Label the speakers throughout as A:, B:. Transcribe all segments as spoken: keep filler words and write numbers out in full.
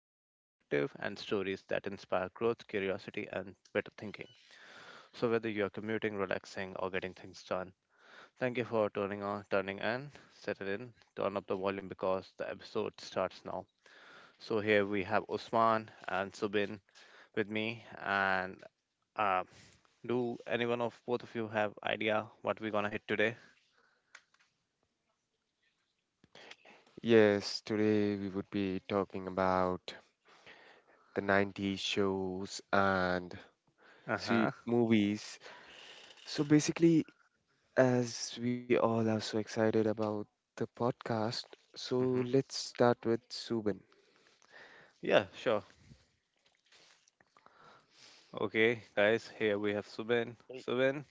A: fresh perspective, and stories that inspire growth, curiosity, and better thinking. So, whether you're commuting, relaxing, or getting things done, thank you for turning on, turning in, settle in, turn up the volume because the episode starts now. So, here we have Osman and Subin with me, and uh, do anyone of both of you have idea what we're gonna hit today?
B: Yes, today we would be talking about the nineties shows and
A: Uh
B: see
A: huh.
B: movies. So basically, as we all are so excited about the podcast, so
A: Hmm,
B: let's start with Subin.
A: yeah, sure. Okay, guys, here we have Subin.
C: Y-
A: Subin,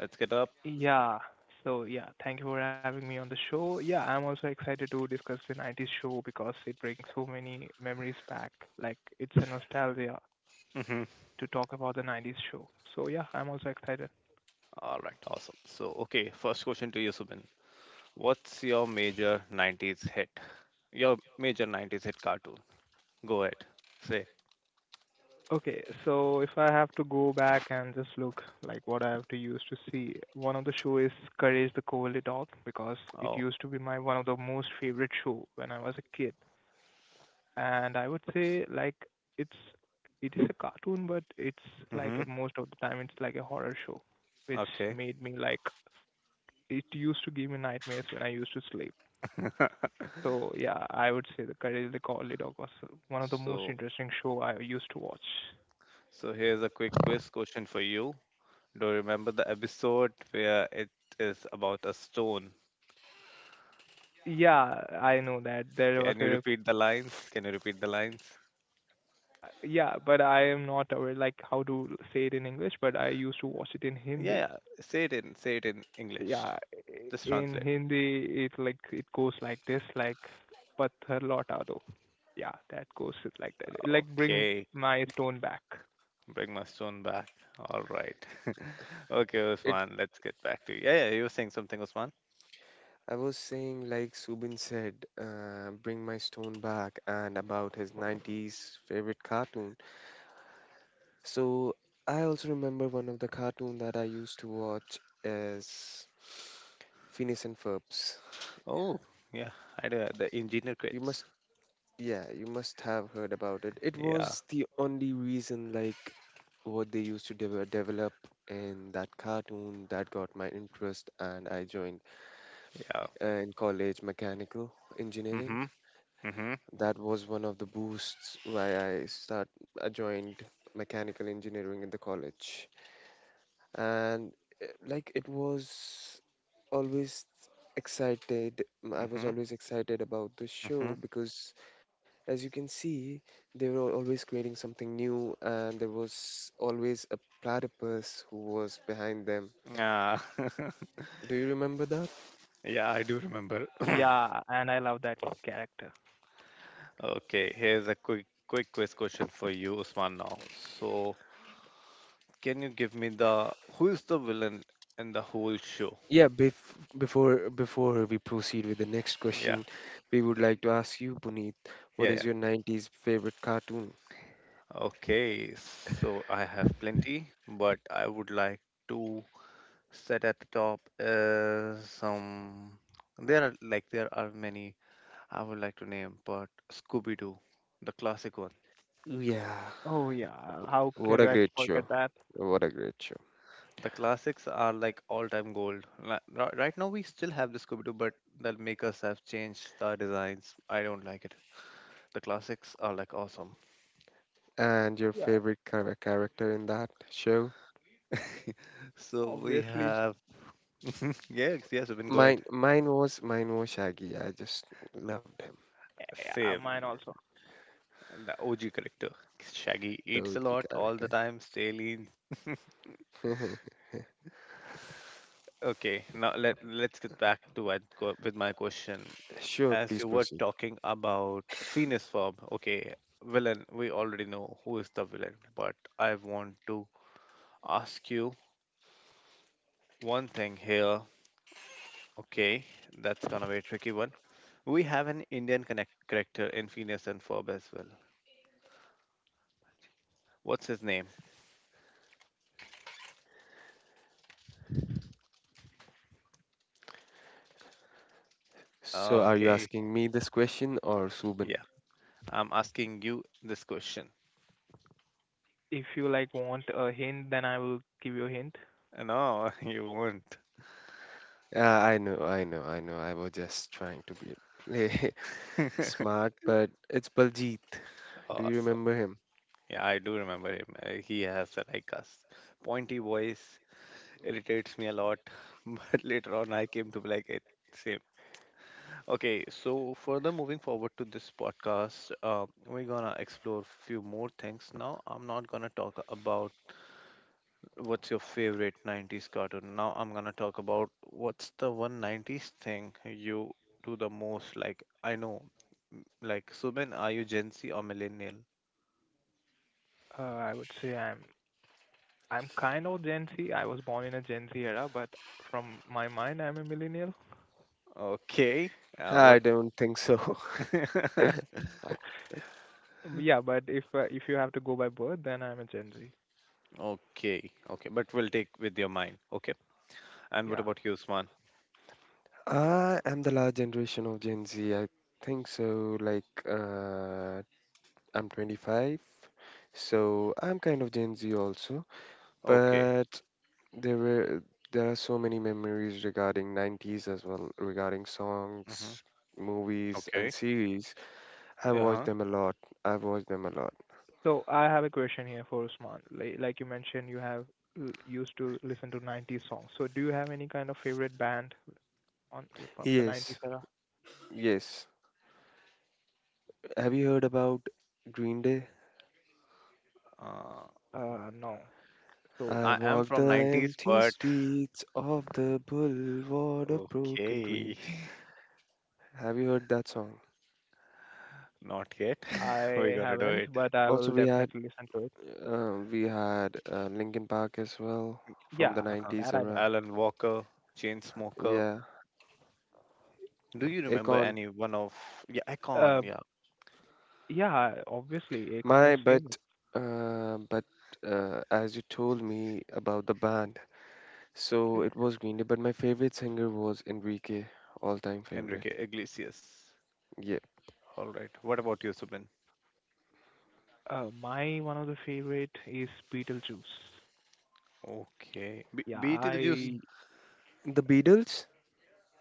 A: let's get up.
C: Yeah. So yeah, thank you for having me on the show. Yeah, I'm also excited to discuss the nineties show because it brings so many memories back. Like it's a nostalgia
A: Mhm.
C: to talk about the nineties show. So yeah, I'm also excited.
A: All right, awesome. So, okay, first question to you, Subin. What's your major nineties hit? Your major nineties hit cartoon. Go ahead. Say.
C: Okay, so if I have to go back and just look like what I have to use to see, one of the show is Courage the Cowardly Dog because it
A: Oh.
C: used to be my one of the most favorite show when I was a kid. And I would say like it's it is a cartoon, but it's like
A: Mm-hmm.
C: uh, most of the time it's like a horror show, which
A: Okay.
C: made me like it used to give me nightmares when I used to sleep. So yeah, I would say the Courage the Cowardly Dog was one of the most
A: So,
C: interesting show I used to watch.
A: so here's a quick quiz question for you. Do you remember the episode where it is about a stone?
C: Yeah, I know that there was
A: Can you
C: a,
A: repeat the lines? Can you repeat the lines?
C: yeah, but I am not aware like how to say it in English, but I used to watch it in
A: Yeah,
C: Hindi.
A: yeah. Say it in, say it in English.
C: Yeah, i-
A: Just
C: in
A: translate.
C: Hindi it like it goes like this, like "Pathar lauta do." Yeah, that goes like that. Like bring
A: Okay,
C: my stone back.
A: bring my son back. All right. Okay,
B: It
A: Usman, let's get back to you. Yeah, yeah, you were saying something, Usman.
B: I was saying, like Subin said, uh, bring my stone back, and about his nineties favorite cartoon. So I also remember one of the cartoon that I used to watch is Phineas and Ferb's.
A: Oh, yeah, I do. The engineer
B: You
A: quits.
B: must Yeah, you must have heard about it. It
A: Yeah,
B: was the only reason, like, what they used to deve- develop in that cartoon that got my interest, and I joined
A: yeah.
B: uh, in college mechanical engineering.
A: Mm-hmm. Mm-hmm.
B: That was one of the boosts why I start I joined mechanical engineering in the college, and uh, like it was always excited. I was
A: Mm-hmm.
B: always excited about the
A: Mm-hmm.
B: show because, as you can see, they were always creating something new, and there was always a platypus who was behind them.
A: Yeah.
B: Do you remember that?
A: Yeah, I do remember.
C: Yeah, and I love that character.
A: Okay, here's a quick quick quiz question for you, Usman, now. So, can you give me the who is the villain in the whole show?
B: Yeah, bef- before before we proceed with the next
A: Yeah.
B: question, we would like to ask you, Puneet, what
A: Yeah,
B: is
A: yeah.
B: your nineties favorite cartoon?
A: Okay, so I have plenty, but I would like to set at the top is some. There are like there are many I would like to name, but Scooby Doo, the classic one.
B: Yeah,
C: Oh yeah, how
B: what
C: could
B: a
C: I
B: great show.
C: forget that?
B: What a great show.
A: The classics are like all-time gold. Li- ri- Right now we still have the Scooby Doo, but the makers have changed the designs. I don't like it. The classics are like awesome.
B: And your
C: Yeah,
B: favorite char- character in that show?
A: So we
C: obviously.
A: have yes, yes, I've been go ahead.
B: Mine mine was mine was Shaggy. I just loved him,
C: Yeah, uh, mine
A: Same.
C: also.
A: And the O G character. Shaggy
B: the
A: eats a lot
B: O G
A: all the
B: character.
A: time, stay lean. Okay, now let let's get back to what co- with my question.
B: Sure,
A: As you
B: please
A: were
B: proceed.
A: talking about Phineas Ferb, okay, villain, we already know who is the villain, but I want to ask you one thing here. Okay, that's gonna be a tricky one. We have an Indian connect character in Phineas and Ferb as well. What's his name? Oh,
B: So, are you
A: okay.
B: asking me this question or Subin?
A: Yeah, I'm asking you this question.
C: If you like want a hint, then I will give you a hint.
A: Uh, No, you won't.
B: Uh, I know, I know, I know. I was just trying to be play smart, but it's Baljeet. Do you
A: Awesome.
B: remember him?
A: Yeah, I do remember him. Uh, He has a, like a s- pointy voice, irritates me a lot. But later on, I came to be like it. Same. Okay, so further moving forward to this podcast, uh, we're gonna explore few more things now. I'm not gonna talk about what's your favorite nineties cartoon. Now I'm gonna talk about what's the one nineties thing you do the most. Like I know, m- like Subin, are you Gen Z or millennial?
C: Uh, I would say I'm I'm kind of Gen Z. I was born in a Gen Z era, but from my mind, I'm a millennial.
A: Okay, uh,
B: I
A: what.
B: don't think so.
C: Yeah, but if uh, if you have to go by birth, then I'm a Gen Z.
A: Okay, okay, but we'll take with your mind. Okay, and what
C: Yeah.
A: about you, Usman?
B: I am the last generation of Gen Z. I think so. Like, uh, I'm twenty-five, so I'm kind of Gen Z also.
A: Okay,
B: But There were there are so many memories regarding nineties as well, regarding
A: hmm,
B: songs, movies, and
A: okay,
B: series. I've watched
A: uh-huh.
B: them a lot. I've watched them a lot.
C: So I have a question here for Usman. Like, like you mentioned, you have l- used to listen to nineties songs. So do you have any kind of favorite band on from the nineties
B: Yes,
C: era?
B: yes. Have you heard about Green Day?
A: Uh,
C: Uh, no. So
B: I
A: I am
B: walk the
A: from nineties,
B: empty
A: but
B: streets of the boulevard of broken
A: okay,
B: dreams. Have you heard that song?
A: not yet. We're
C: I
A: gonna do it.
C: haven't, but I
B: Also,
C: will
B: we had
C: definitely listen to it.
B: uh, we had uh, Linkin Park as well from
C: Yeah,
B: the
A: Uh-huh.
B: nineties
C: that I know.
B: era.
A: Alan Walker, Chainsmoker.
B: Yeah,
A: Do you remember
B: Akon.
A: any one of yeah,
C: Uh,
A: Icon? Yeah,
C: yeah, obviously, Akon
B: My
C: is famous.
B: but uh, but uh, as you told me about the band, so it was Green Day, but my favorite singer was Enrique, all-time favorite.
A: Enrique Iglesias.
B: Yeah.
A: All right. What about you, Subin?
C: Uh, my one of the favorite is Beetlejuice.
A: Okay, Be-
C: Yeah,
A: Beetlejuice.
C: I
B: The Beatles?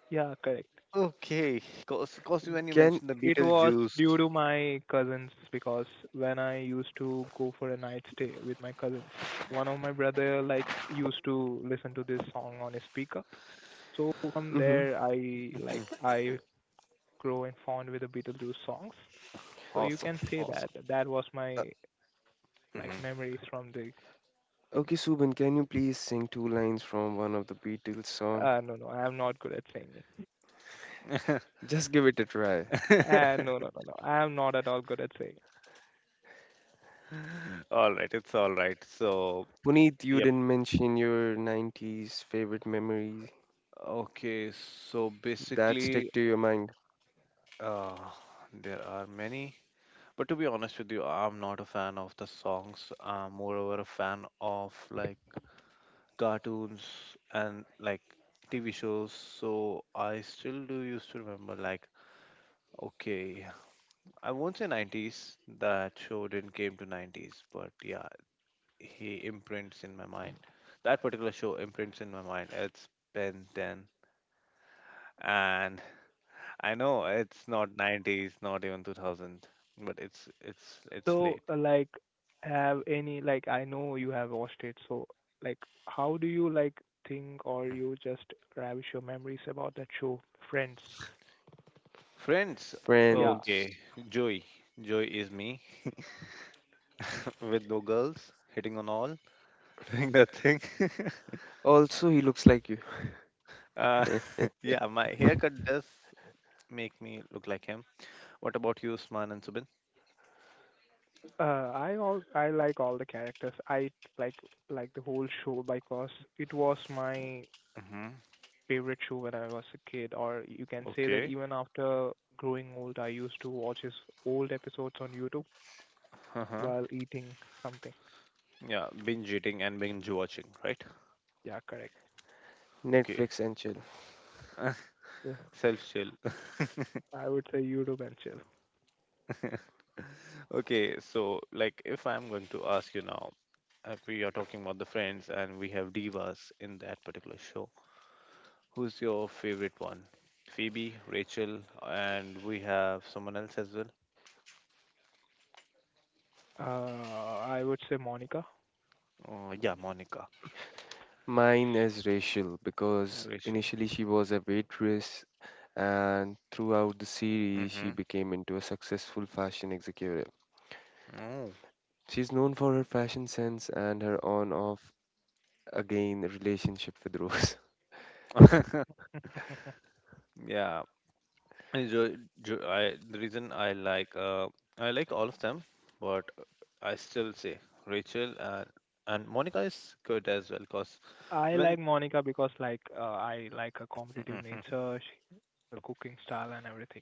C: yeah, correct.
A: Okay, cause, cause when you
B: Can
A: mentioned the
C: It was
A: Beetlejuice.
C: due to my cousins because when I used to go for a night stay with my cousins, one of my brother like used to listen to this song on a speaker. So from
B: Mm-hmm.
C: there, I like I grow and fond with the Beetlejuice songs. So you
A: Awesome,
C: can say that
A: awesome.
C: that was
B: Uh,
C: my like
A: Mm-hmm.
C: memories from the.
B: okay, Subin, can you please sing two lines from one of the Beatles
C: Uh,
B: song?
C: no, no, I am not good at singing.
B: Just give it a try.
C: Uh, no, no, no, no, I am not at all good at singing.
A: All right, it's all right. So,
B: Puneet, you
A: yep.
B: didn't mention your nineties favorite memory
A: Okay, so
B: that
A: basically,
B: stick to your mind.
A: uh, there are many, but to be honest with you, I'm not a fan of the songs. I'm moreover a fan of like cartoons and like T V shows. So I still do used to remember like, okay, I won't say nineties. That show didn't came to nineties, but yeah, he imprints in my mind. That particular show imprints in my mind. It's Ben ten. And I know it's not nineties, not even two thousand, but it's it's it's
C: So,
A: late.
C: uh, like, have any, like, I know you have watched it, so, like, how do you, like, think or you just ravish your memories about that show, Friends?
A: Friends,
C: Yeah,
B: Friends.
A: okay, Joey. Joey is me with no girls, hitting on all, doing that thing.
B: Also, he looks like you.
A: uh, yeah, my haircut does make me look like him. What about you, Usman and Subin?
C: uh, I all I like all the characters. I like like the whole show because it was my
A: Hmm.
C: favorite show when I was a kid, or you can say that
A: Okay.
C: even after growing old, I used to watch his old episodes on YouTube
A: Uh-huh.
C: while eating something.
A: Yeah, binge eating and binge watching, right?
C: Yeah, correct.
A: Okay.
B: Netflix and chill.
A: Self chill.
C: I would say YouTube and chill.
A: Okay, so like if I'm going to ask you now, uh, we are talking about the Friends and we have divas in that particular show. Who's your favorite one? Phoebe, Rachel, and we have someone else as well.
C: Uh, I would say Monica.
A: Oh, yeah, Monica,
B: Mine is Rachel because
A: Rachel.
B: initially she was a waitress and throughout the series she
A: Mm-hmm.
B: became into a successful fashion executive. She's known for her fashion sense and her on-off again relationship with Rose,
A: Oh. Yeah. And Jo, Jo, I the reason I like uh I like all of them, but I still say Rachel and and Monica is good as well, cause
C: I
A: when
C: like Monica because like uh, I like her competitive nature, she, her cooking style and everything.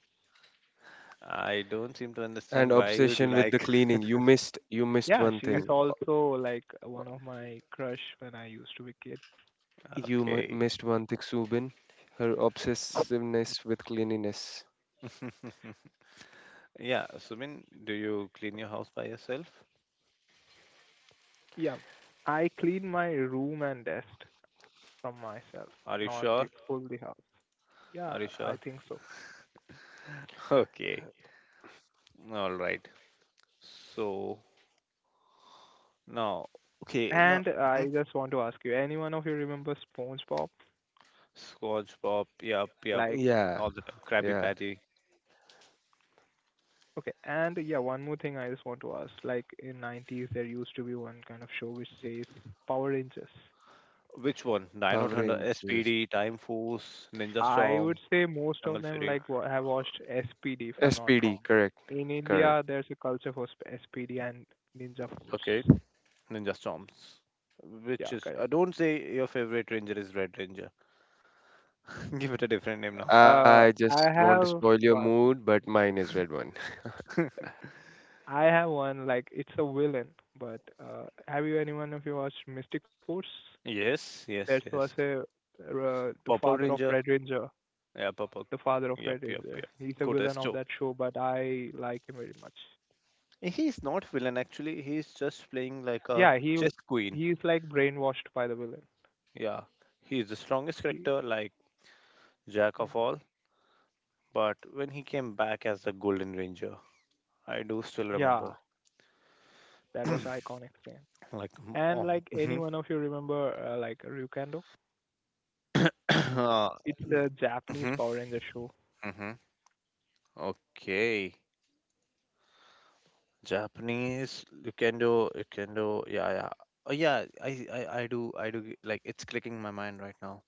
A: I don't seem to
B: and
A: understand why you do
B: obsession with the
A: like.
B: cleaning. You missed you missed
C: Yeah,
B: one
C: she is
B: thing.
C: also like one of my crush when I used to be kid.
B: You m-
A: Okay.
B: missed one thing, Subin. Her obsessiveness with cleanliness.
A: Yeah, Sumin, do you clean your house by yourself?
C: Yeah, I clean my room and desk from myself,
A: Are you
C: not
A: sure?
C: you full the house. Yeah,
A: Are you
C: I
A: sure?
C: think so.
A: Okay. All right. So now, okay, now
C: And I
A: mhm.
C: just want to ask you, anyone of you remember SpongeBob?
A: Scotch Pop. Yup, yup.
C: Like.
B: Yeah,
A: All the time. Krabby
B: yeah.
A: Patty.
C: Okay. And yeah, one more thing I just want to ask. Like in nineties, there used to be one kind of show which says Power Rangers.
A: Which one? Dino
B: Power
A: Thunder,
B: Rangers.
A: S P D, Time Force, Ninja
C: I would
A: Storm,
C: say most of
A: Jungle
C: them
A: Fury.
C: like wa- have watched S P D if I'm not
B: S P D,
C: wrong.
B: correct,
C: In
B: correct.
C: India, there's a culture for sp- S P D and Ninja
A: Okay,
C: Force.
A: Ninja Storms. Which
C: Yeah,
A: is? Uh,
C: correct.
A: don't say your favorite ranger is Red Ranger. Give it a different name now.
C: Uh,
B: I
C: I
B: just want to
C: have
B: spoil your
C: one.
B: mood, but mine is red one.
C: I have one like it's a villain, but uh, have you anyone of you watched Mystic Force?
A: Yes,
C: That
A: yes,
C: was
A: yes.
C: a uh, the
A: Purple
C: father of
A: Ranger.
C: Red Ranger.
A: Yeah,
C: The
A: purple.
C: father of Red
A: Yep, yep,
C: Ranger.
A: yep.
C: He's a villain of that
A: Cotesto.
C: show, but I like him very much.
A: He's not villain actually. He's just playing like a
C: Yeah, he
A: chess queen.
C: he's like brainwashed by the villain.
A: Yeah, he's the strongest
C: He,
A: character, like jack of all. But when he came back as the Golden Ranger, I do still remember.
C: yeah, that was iconic scene.
A: like, m-
C: And
A: oh,
C: like any
A: mhm.
C: one of you remember uh, like Ryukendo?
A: Uh,
C: It's a Japanese
A: mhm,
C: Power Ranger show.
A: mhm. Okay. Japanese you you can do, you can do, yeah, yeah. Oh yeah, I, I, I do, I do. Like it's clicking my mind right now.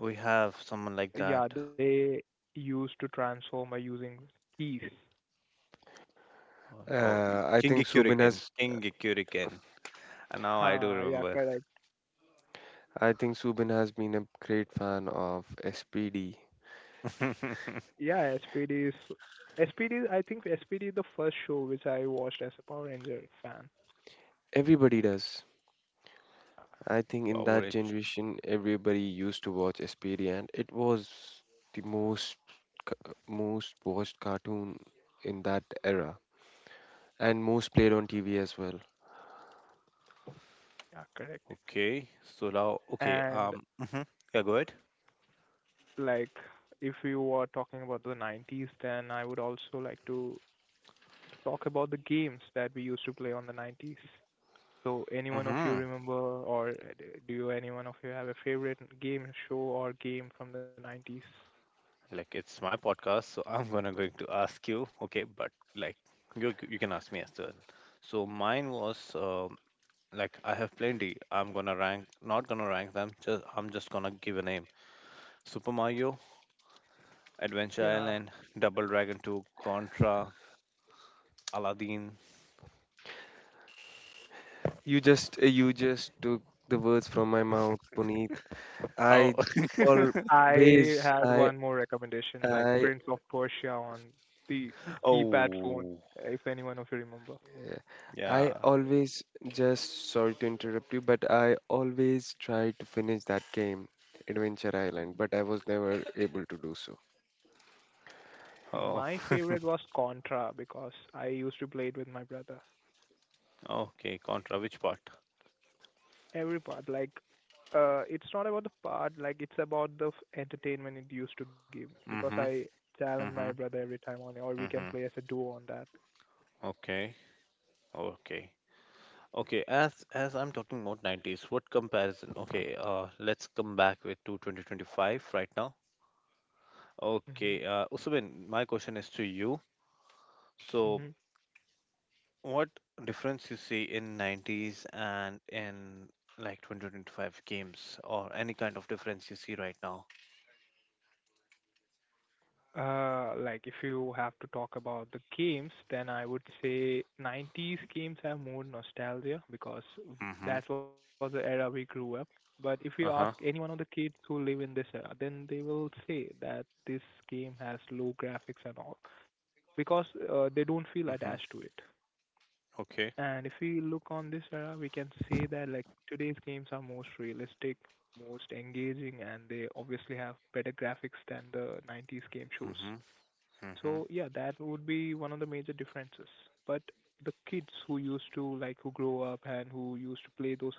A: We have someone like that.
C: Yeah, they used to transform by using keys.
A: Oh, oh
B: Uh,
A: y-
B: I
A: King
B: think Subin
A: Kyuriken,
B: has
A: King Kyuriken. And now I do
C: Ha, yeah,
A: remember.
C: correct.
B: I think Subin has been a great fan of S P D.
C: Yeah, S P D is S P D. I think S P D is the first show which I watched as a Power Ranger fan.
B: Everybody does. I think in
A: Power
B: that
A: Rangers.
B: generation, everybody used to watch S P D, and it was the most ca- most watched cartoon in that era, and most played on T V as well.
C: Yeah, correct.
A: Okay, so now, okay,
C: And
A: um, mhm. Yeah, go ahead.
C: like if we were talking about the nineties, then I would also like to talk about the games that we used to play on the nineties. So, anyone of you
A: Mm-hmm.
C: remember, or do you, anyone of you have a favorite game show or game from the nineties?
A: Like it's my podcast, so I'm gonna going to ask you. Okay, but like you you can ask me as well. So mine was uh, like I have plenty. I'm gonna rank, not gonna rank them. Just I'm just gonna give a name: Super Mario, Adventure
C: Yeah,
A: Island, Double Dragon two, Contra, Aladdin.
B: You just uh, you just took the words from my mouth, Puneet. I
A: How?
C: I
B: always
C: had
B: I
C: one more recommendation, like
B: I
C: Prince of Persia on the keypad phone,
A: Oh,
C: if anyone of you remember.
B: Yeah. I
A: yeah.
B: always, just sorry to interrupt you, but I always try to finish that game, Adventure Island, but I was never able to do so.
A: Oh,
C: My favorite was Contra because I used to play it with my brother.
A: okay. Contra, which part?
C: Every part like uh it's not about the part like it's about the f- entertainment it used to give me because I
A: Mm-hmm.
C: challenge my
A: Mm-hmm.
C: brother every time on it or we can
A: Mm-hmm.
C: play as a duo on that.
A: Okay. Okay. Okay, as as I'm talking about nineties, what comparison? Okay, uh, let's come back with to twenty twenty-five right now.
C: hmm
A: Okay, uh, Usman, my question is to you. So,
C: hmm
A: what difference you see in nineties and in like two thousand twenty-five games or any kind of difference you see right now.
C: uh like if you have to talk about the games then I would say nineties games have more nostalgia because w-
A: Mm-hmm.
C: that was the era we grew up, but if you ask any one
A: Uh-huh.
C: of the kids who live in this era then they will say that this game has low graphics and all because uh, they don't feel
A: Mm-hmm.
C: attached to it.
A: Okay.
C: And if we look on this era, we can say that like today's games are most realistic, most engaging, and they obviously have better graphics than the nineties game shows.
A: Mm-hmm. Mm-hmm.
C: So yeah, that would be one of the major differences. But the kids who used to like who grow up and who used to play those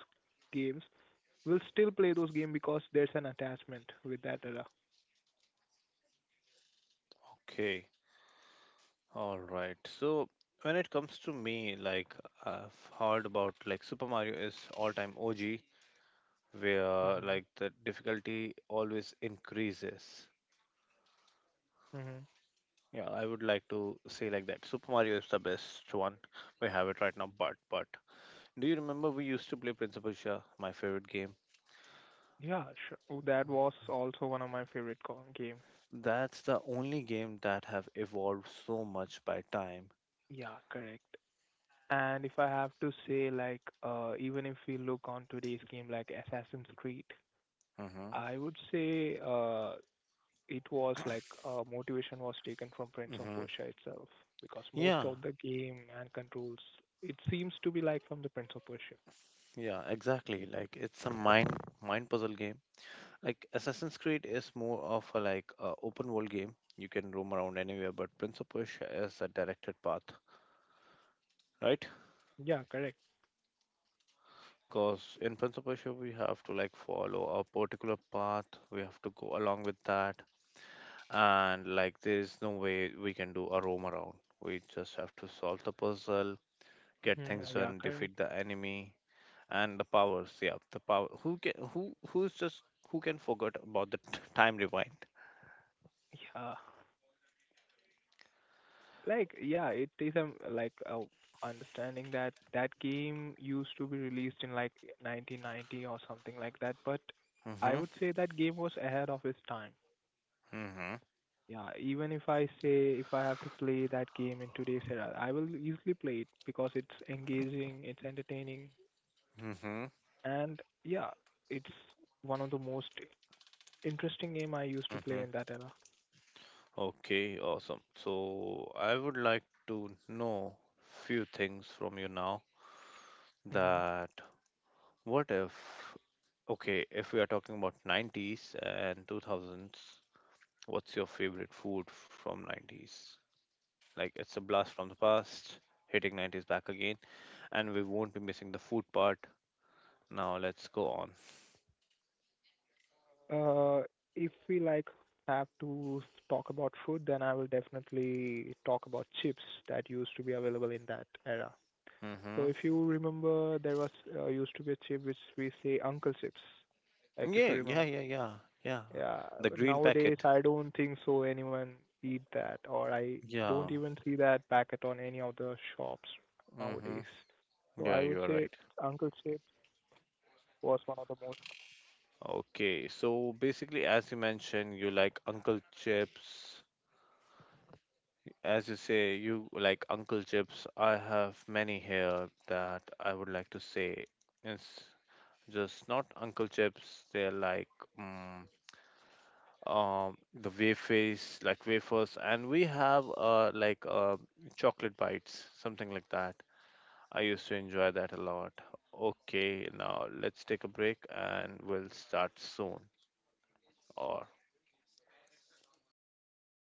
C: games will still play those games because there's an attachment with that era.
A: Okay, all right. So when it comes to me, like, I've heard about like Super Mario is all-time OG where
C: Mhm.
A: like the difficulty always increases.
C: Mhm.
A: Yeah, I would like to say like that Super Mario is the best one we have it right now, but but do you remember we used to play Principal Shah, my favorite game?
C: Yeah, sure. That was also one of my favorite co- game.
A: That's the only game that have evolved so much by time.
C: Yeah, correct. And if I have to say, like, uh, even if we look on today's game like Assassin's Creed,
A: Mm-hmm.
C: I would say uh, it was like uh, motivation was taken from Prince of
A: Mm-hmm.
C: Persia itself because most
A: Yeah,
C: of the game and controls it seems to be like from the Prince of Persia.
A: yeah, exactly. Like it's a mind mind puzzle game. Like Assassin's Creed is more of a like a open world game. You can roam around anywhere, but Prince of Persia is a directed path, right?
C: Yeah, correct.
A: Because in Prince of Persia we have to like follow a particular path. We have to go along with that. And like there is no way we can do a roam around. We just have to solve the puzzle, get
C: hmm
A: things
C: Yeah,
A: done,
C: correct.
A: defeat the enemy, and the powers. Yeah, the power. Who can who who's just who can forget about the t- time rewind?
C: Yeah. Like, yeah, it is um like uh, understanding that that game used to be released in like nineteen ninety or something like that, but I
A: Mhm.
C: would say that game was ahead of its time.
A: Mhm.
C: Yeah, even if I say if I have to play that game in today's era, I will easily play it because it's engaging, it's entertaining,
A: Mhm.
C: and yeah, it's one of the most interesting game I used to play
A: Mhm.
C: in that era.
A: Okay, awesome. So I would like to know few things from you now
C: hmm
A: that what if okay if we are talking about nineties and two thousands. What's your favorite food from nineties? Like it's a blast from the past, hitting nineties back again, and we won't be missing the food part. Now let's go on.
C: Uh, if we like have to s- talk about food, then I will definitely talk about chips that used to be available in that era. So
A: Mhm.
C: if you remember, there was uh, used to be a chip which we say Uncle Chips, like if you
A: Yeah, yeah,
C: remember.
A: yeah, yeah. Yeah.
C: Yeah,
A: The green packet.
C: nowadays I don't think so anyone eat that, or I don't
A: Yeah.
C: even see that packet on any of the shops nowadays.
A: Mhm.
C: So I
A: Yeah,
C: would
A: you are
C: say
A: right.
C: Uncle Chips was one of the most
A: Okay, so basically, as you mentioned, you like Uncle Chips. As you say, you like Uncle Chips. I have many here that I would like to say. Yes. Just not Uncle Chips. They're like mm, um, the wafers, like wafers, and we have uh, like uh, chocolate bites, something like that. I used to enjoy that a lot. Okay, now let's take a break and we'll start soon. Or